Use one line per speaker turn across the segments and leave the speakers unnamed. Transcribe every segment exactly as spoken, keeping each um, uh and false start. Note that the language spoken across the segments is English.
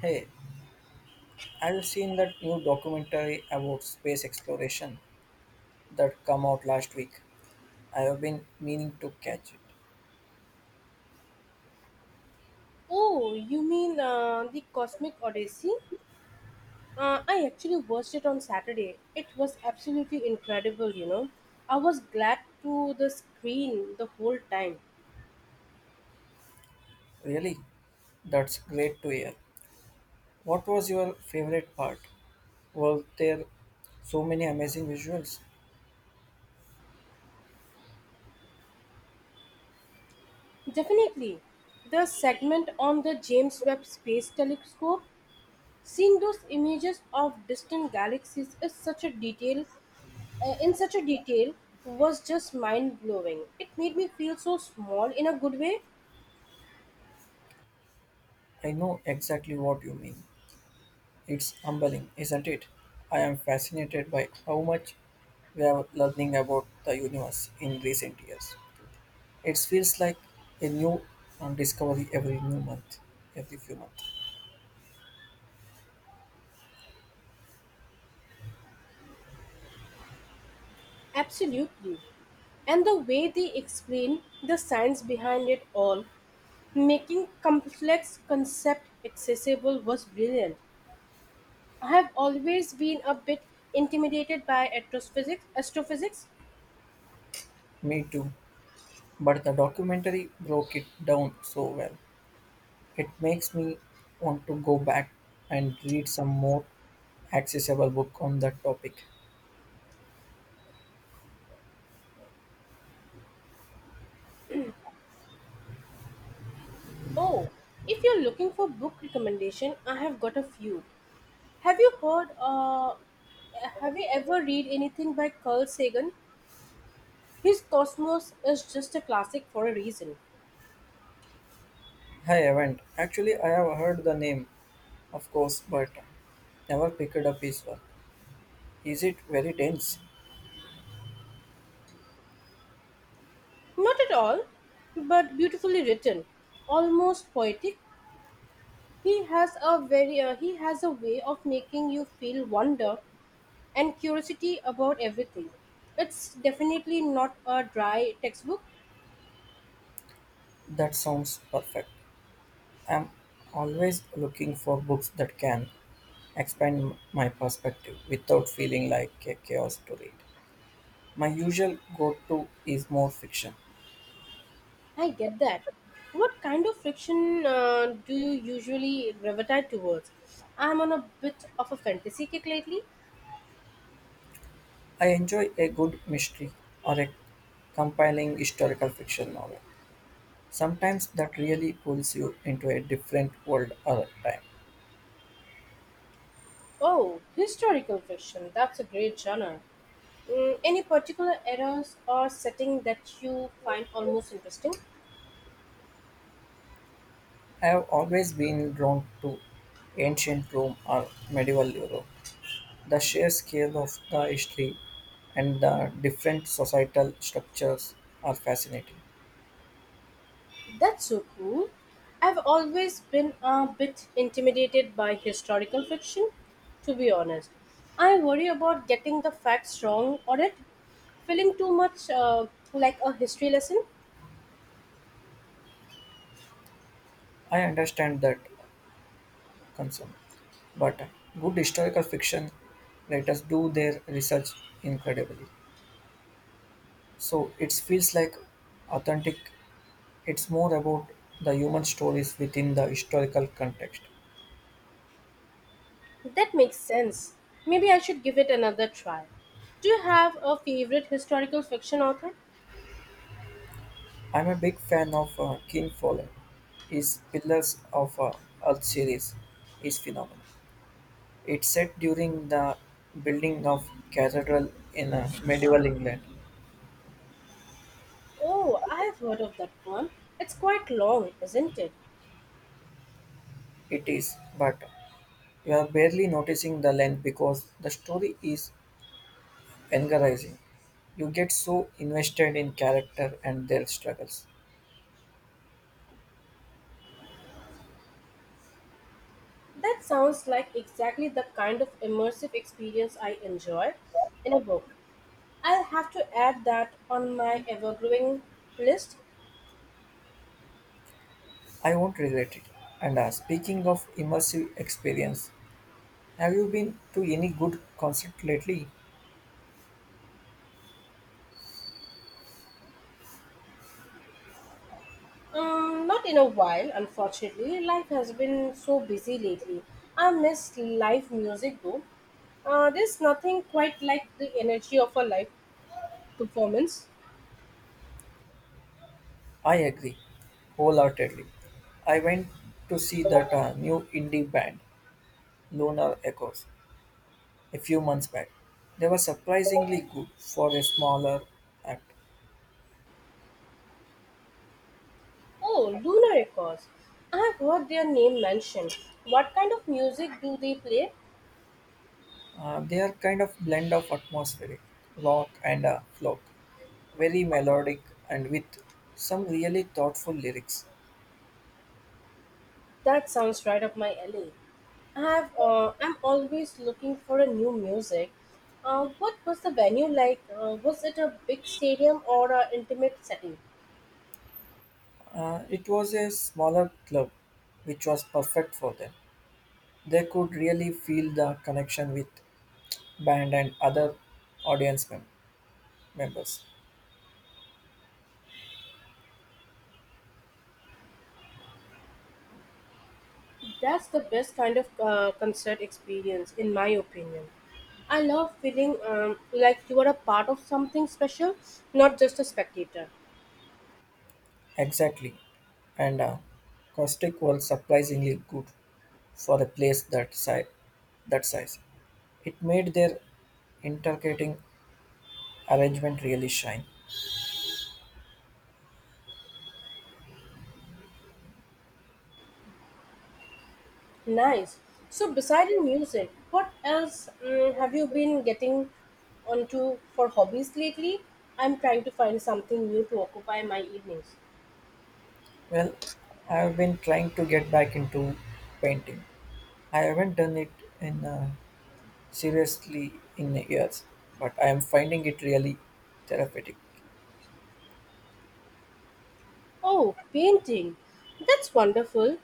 Hey, have you seen that new documentary about space exploration that come out last week? I have been meaning to catch it.
Oh, you mean uh, the Cosmic Odyssey? Uh, I actually watched it on Saturday. It was absolutely incredible, you know. I was glad to the screen the whole time.
Really? That's great to hear. What was your favorite part? Were there so many amazing visuals?
Definitely. The segment on the James Webb Space Telescope, seeing those images of distant galaxies is such a detail, uh, in such a detail, was just mind blowing. It made me feel so small in a good way.
I know exactly what you mean. It's humbling, isn't it? I am fascinated by how much we are learning about the universe in recent years. It feels like a new uh, discovery every new month, every few months.
Absolutely. And the way they explain the science behind it all, making complex concept accessible was brilliant. I have always been a bit intimidated by astrophysics. Astrophysics.
Me too. But the documentary broke it down so well. It makes me want to go back and read some more accessible book on that topic.
Oh, if you're looking for book recommendation, I have got a few. Have you heard uh have you ever read anything by Carl Sagan? His Cosmos is just a classic for a reason.
I haven't. Actually, I have heard the name, of course, but never picked up his work. Is it very dense?
Not at all, but beautifully written, almost poetic. He has a very uh, he has a way of making you feel wonder and curiosity about everything. It's definitely not a dry textbook.
That sounds perfect. I'm always looking for books that can expand my perspective without feeling like a chaos to read. My usual go to is more fiction.
I get that. What kind of fiction uh, do you usually gravitate towards? I'm on a bit of a fantasy kick lately.
I enjoy a good mystery or a compiling historical fiction novel. Sometimes that really pulls you into a different world or time.
Oh, historical fiction. That's a great genre. Mm, any particular eras or setting that you find almost interesting?
I have always been drawn to ancient Rome or medieval Europe. The sheer scale of the history and the different societal structures are fascinating.
That's so cool. I've always been a bit intimidated by historical fiction, to be honest. I worry about getting the facts wrong or it feeling too much uh, like a history lesson.
I understand that concern, but good historical fiction writers do their research incredibly. So it feels like authentic. It's more about the human stories within the historical context.
That makes sense. Maybe I should give it another try. Do you have a favorite historical fiction author?
I'm a big fan of uh, King Follett. His Pillars of uh, Earth series is phenomenal. It's set during the building of cathedral in uh, medieval England.
Oh, I've heard of that one. It's quite long, isn't it?
It is, but you are barely noticing the length because the story is engrossing. You get so invested in character and their struggles.
That sounds like exactly the kind of immersive experience I enjoy in a book. I'll have to add that on my ever growing list.
I won't regret it. And uh, speaking of immersive experience, have you been to any good concert lately?
Um, not in a while, unfortunately. Life has been so busy lately. I miss live music though. Uh, there's nothing quite like the energy of a live performance.
I agree, wholeheartedly. I went to see that uh, new indie band, Lunar Echoes, a few months back. They were surprisingly good for a smaller act.
Oh, Lunar Records. I have heard their name mentioned. What kind of music do they play?
Uh, they are kind of blend of atmospheric rock and uh, folk, very melodic and with some really thoughtful lyrics.
That sounds right up my alley. I have, uh, I'm always looking for a new music. Uh, what was the venue like? Uh, was it a big stadium or an intimate setting?
Uh, it was a smaller club, which was perfect for them. They could really feel the connection with band and other audience mem- members.
That's the best kind of uh, concert experience, in my opinion. I love feeling um, like you are a part of something special, not just a spectator.
Exactly. And uh, Caustic was surprisingly good for a place that, size. That size. It made their intercalating arrangement really shine.
Nice. So, besides music, what else mm, have you been getting onto for hobbies lately? I'm trying to find something new to occupy my evenings.
Well, I've been trying to get back into painting. I haven't done it in uh, seriously in years, but I am finding it really therapeutic.
Oh, painting. That's wonderful.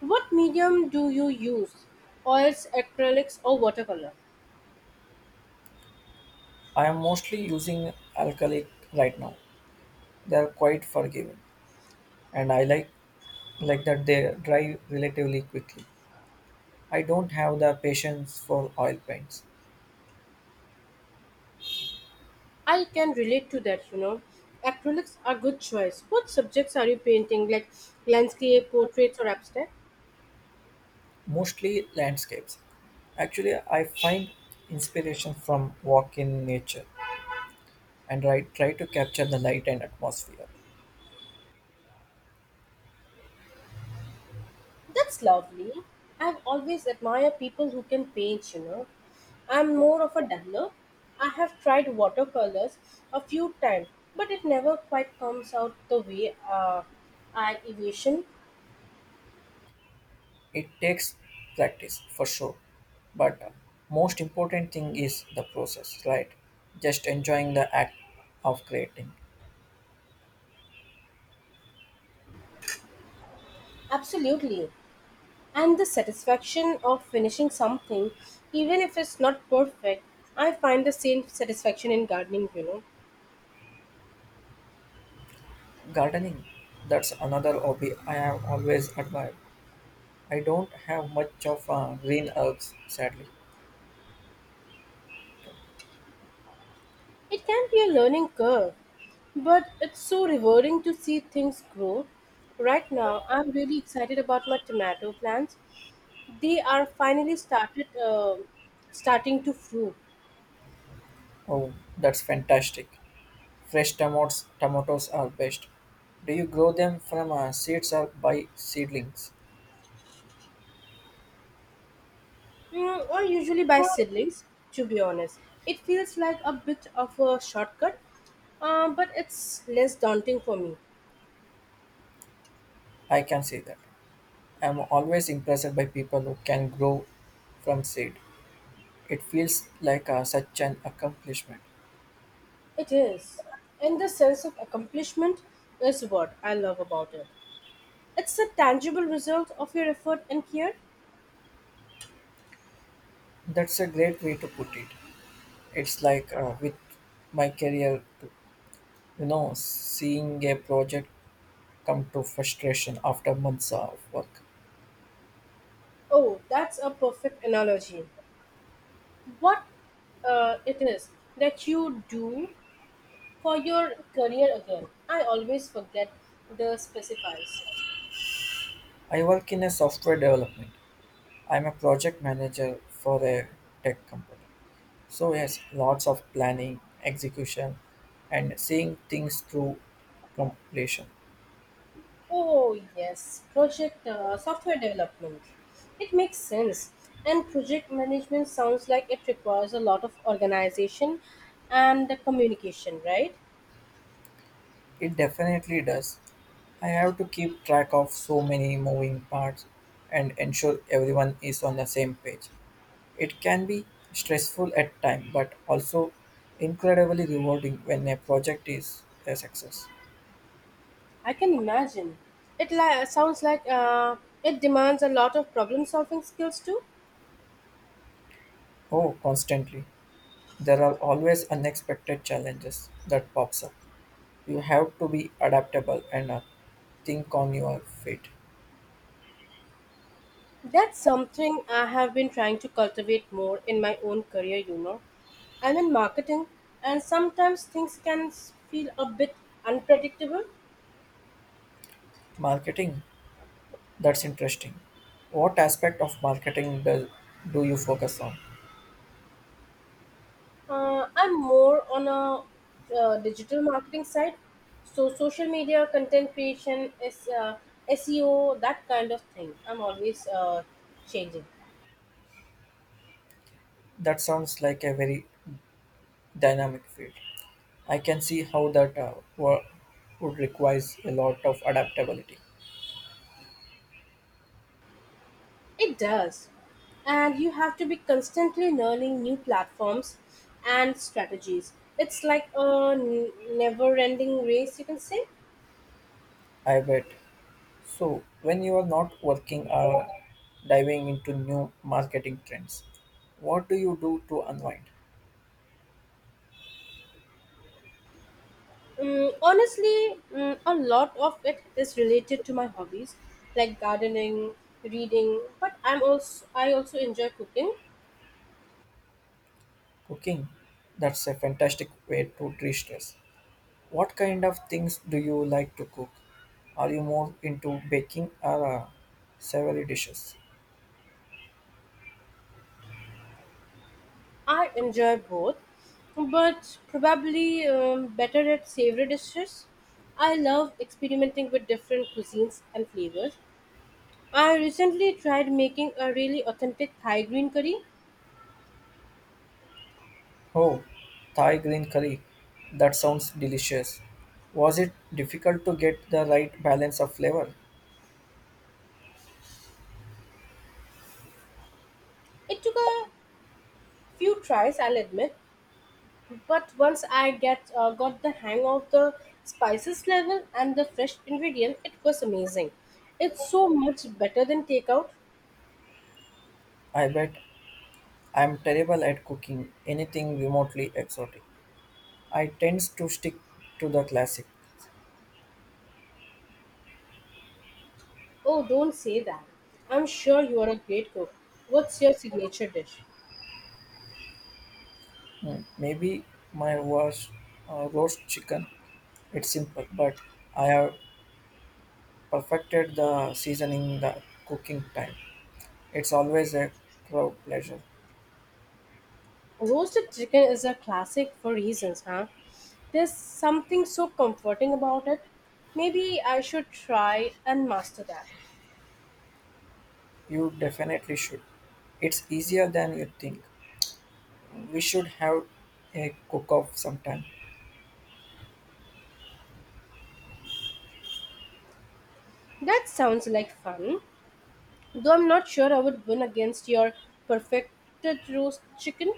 What medium do you use? Oils, acrylics, or watercolor?
I am mostly using acrylic right now. They are quite forgiving, and I like like that they dry relatively quickly. I don't have the patience for oil paints,
I can relate to that, you know. Acrylics are good choice. What subjects are you painting, like landscape, portraits, or abstract?
mostly landscapes. Actually, I find inspiration from walk in nature and I try to capture the light and atmosphere.
That's lovely. I've always admired people who can paint, you know. I'm more of a dabbler. I have tried watercolors a few times, but it never quite comes out the way uh, I envision.
It takes practice for sure, but uh, most important thing is the process, right? Just enjoying the act of creating.
Absolutely. And the satisfaction of finishing something, even if it's not perfect, I find the same satisfaction in gardening, you know.
Gardening, that's another hobby I have always admired. I don't have much of uh, green herbs, sadly.
It can be a learning curve, but it's so rewarding to see things grow. Right now, I'm really excited about my tomato plants. They are finally started uh, starting to fruit.
Oh, that's fantastic. Fresh tomatoes, tomatoes are best. Do you grow them from uh, seeds or by seedlings?
Mm, I usually buy seedlings, to be honest. It feels like a bit of a shortcut, uh, but it's less daunting for me.
I can say that. I'm always impressed by people who can grow from seed. It feels like uh, such an accomplishment.
It is. And the sense of accomplishment is what I love about it. It's a tangible result of your effort and care.
That's a great way to put it. It's like uh, with my career, too. You know, seeing a project come to frustration after months of work.
Oh, that's a perfect analogy. What uh, it is that you do for your career again? I always forget the specifies.
I work in a software development. I'm a project manager for a tech company. So yes, lots of planning, execution, and seeing things through completion.
Oh, yes, project uh, software development. It makes sense. And project management sounds like it requires a lot of organization and communication, right?
It definitely does. I have to keep track of so many moving parts and ensure everyone is on the same page. It can be stressful at times, but also incredibly rewarding when a project is a success.
I can imagine. It li- sounds like uh, it demands a lot of problem solving skills too.
Oh, constantly. There are always unexpected challenges that pops up. You have to be adaptable and uh, think on your feet.
That's something I have been trying to cultivate more in my own career, you know. I'm in marketing, and sometimes things can s- feel a bit unpredictable.
Marketing, that's interesting. What aspect of marketing do, do you focus on?
Uh, I'm more on a uh, digital marketing side, so social media, content creation, is uh, S E O, that kind of thing. I'm always uh, changing.
That sounds like a very dynamic field. I can see how that uh, wo- would requires a lot of adaptability.
It does. And you have to be constantly learning new platforms and strategies. It's like a never ending race, you can say.
I bet. So, when you are not working or diving into new marketing trends, what do you do to unwind?
Mm, honestly, mm, a lot of it is related to my hobbies, like gardening, reading, but I'm also I also enjoy cooking.
Cooking. That's a fantastic way to de-stress. What kind of things do you like to cook? Are you more into baking or uh, savory dishes?
I enjoy both, but probably um, better at savory dishes. I love experimenting with different cuisines and flavors I recently tried making a really authentic Thai green curry.
Oh, Thai green curry. That sounds delicious. Was it difficult to get the right balance of flavor?
It took a few tries, I'll admit, but once I get uh, got the hang of the spices level and the fresh ingredient, it was amazing. It's so much better than takeout.
I bet I'm terrible at cooking anything remotely exotic. I tend to stick to the classics.
Oh, don't say that. I'm sure you are a great cook. What's your signature dish?
Mm, maybe mine was uh, roast chicken. It's simple, but I have perfected the seasoning, the cooking time. It's always a crowd pleasure.
Roasted chicken is a classic for reasons, huh? There's something so comforting about it. Maybe I should try and master that.
You definitely should. It's easier than you think. We should have a cook off sometime.
That sounds like fun, though I'm not sure I would win against your perfected roast chicken.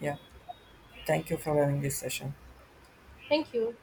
Yeah, thank you for having this session.
Thank you.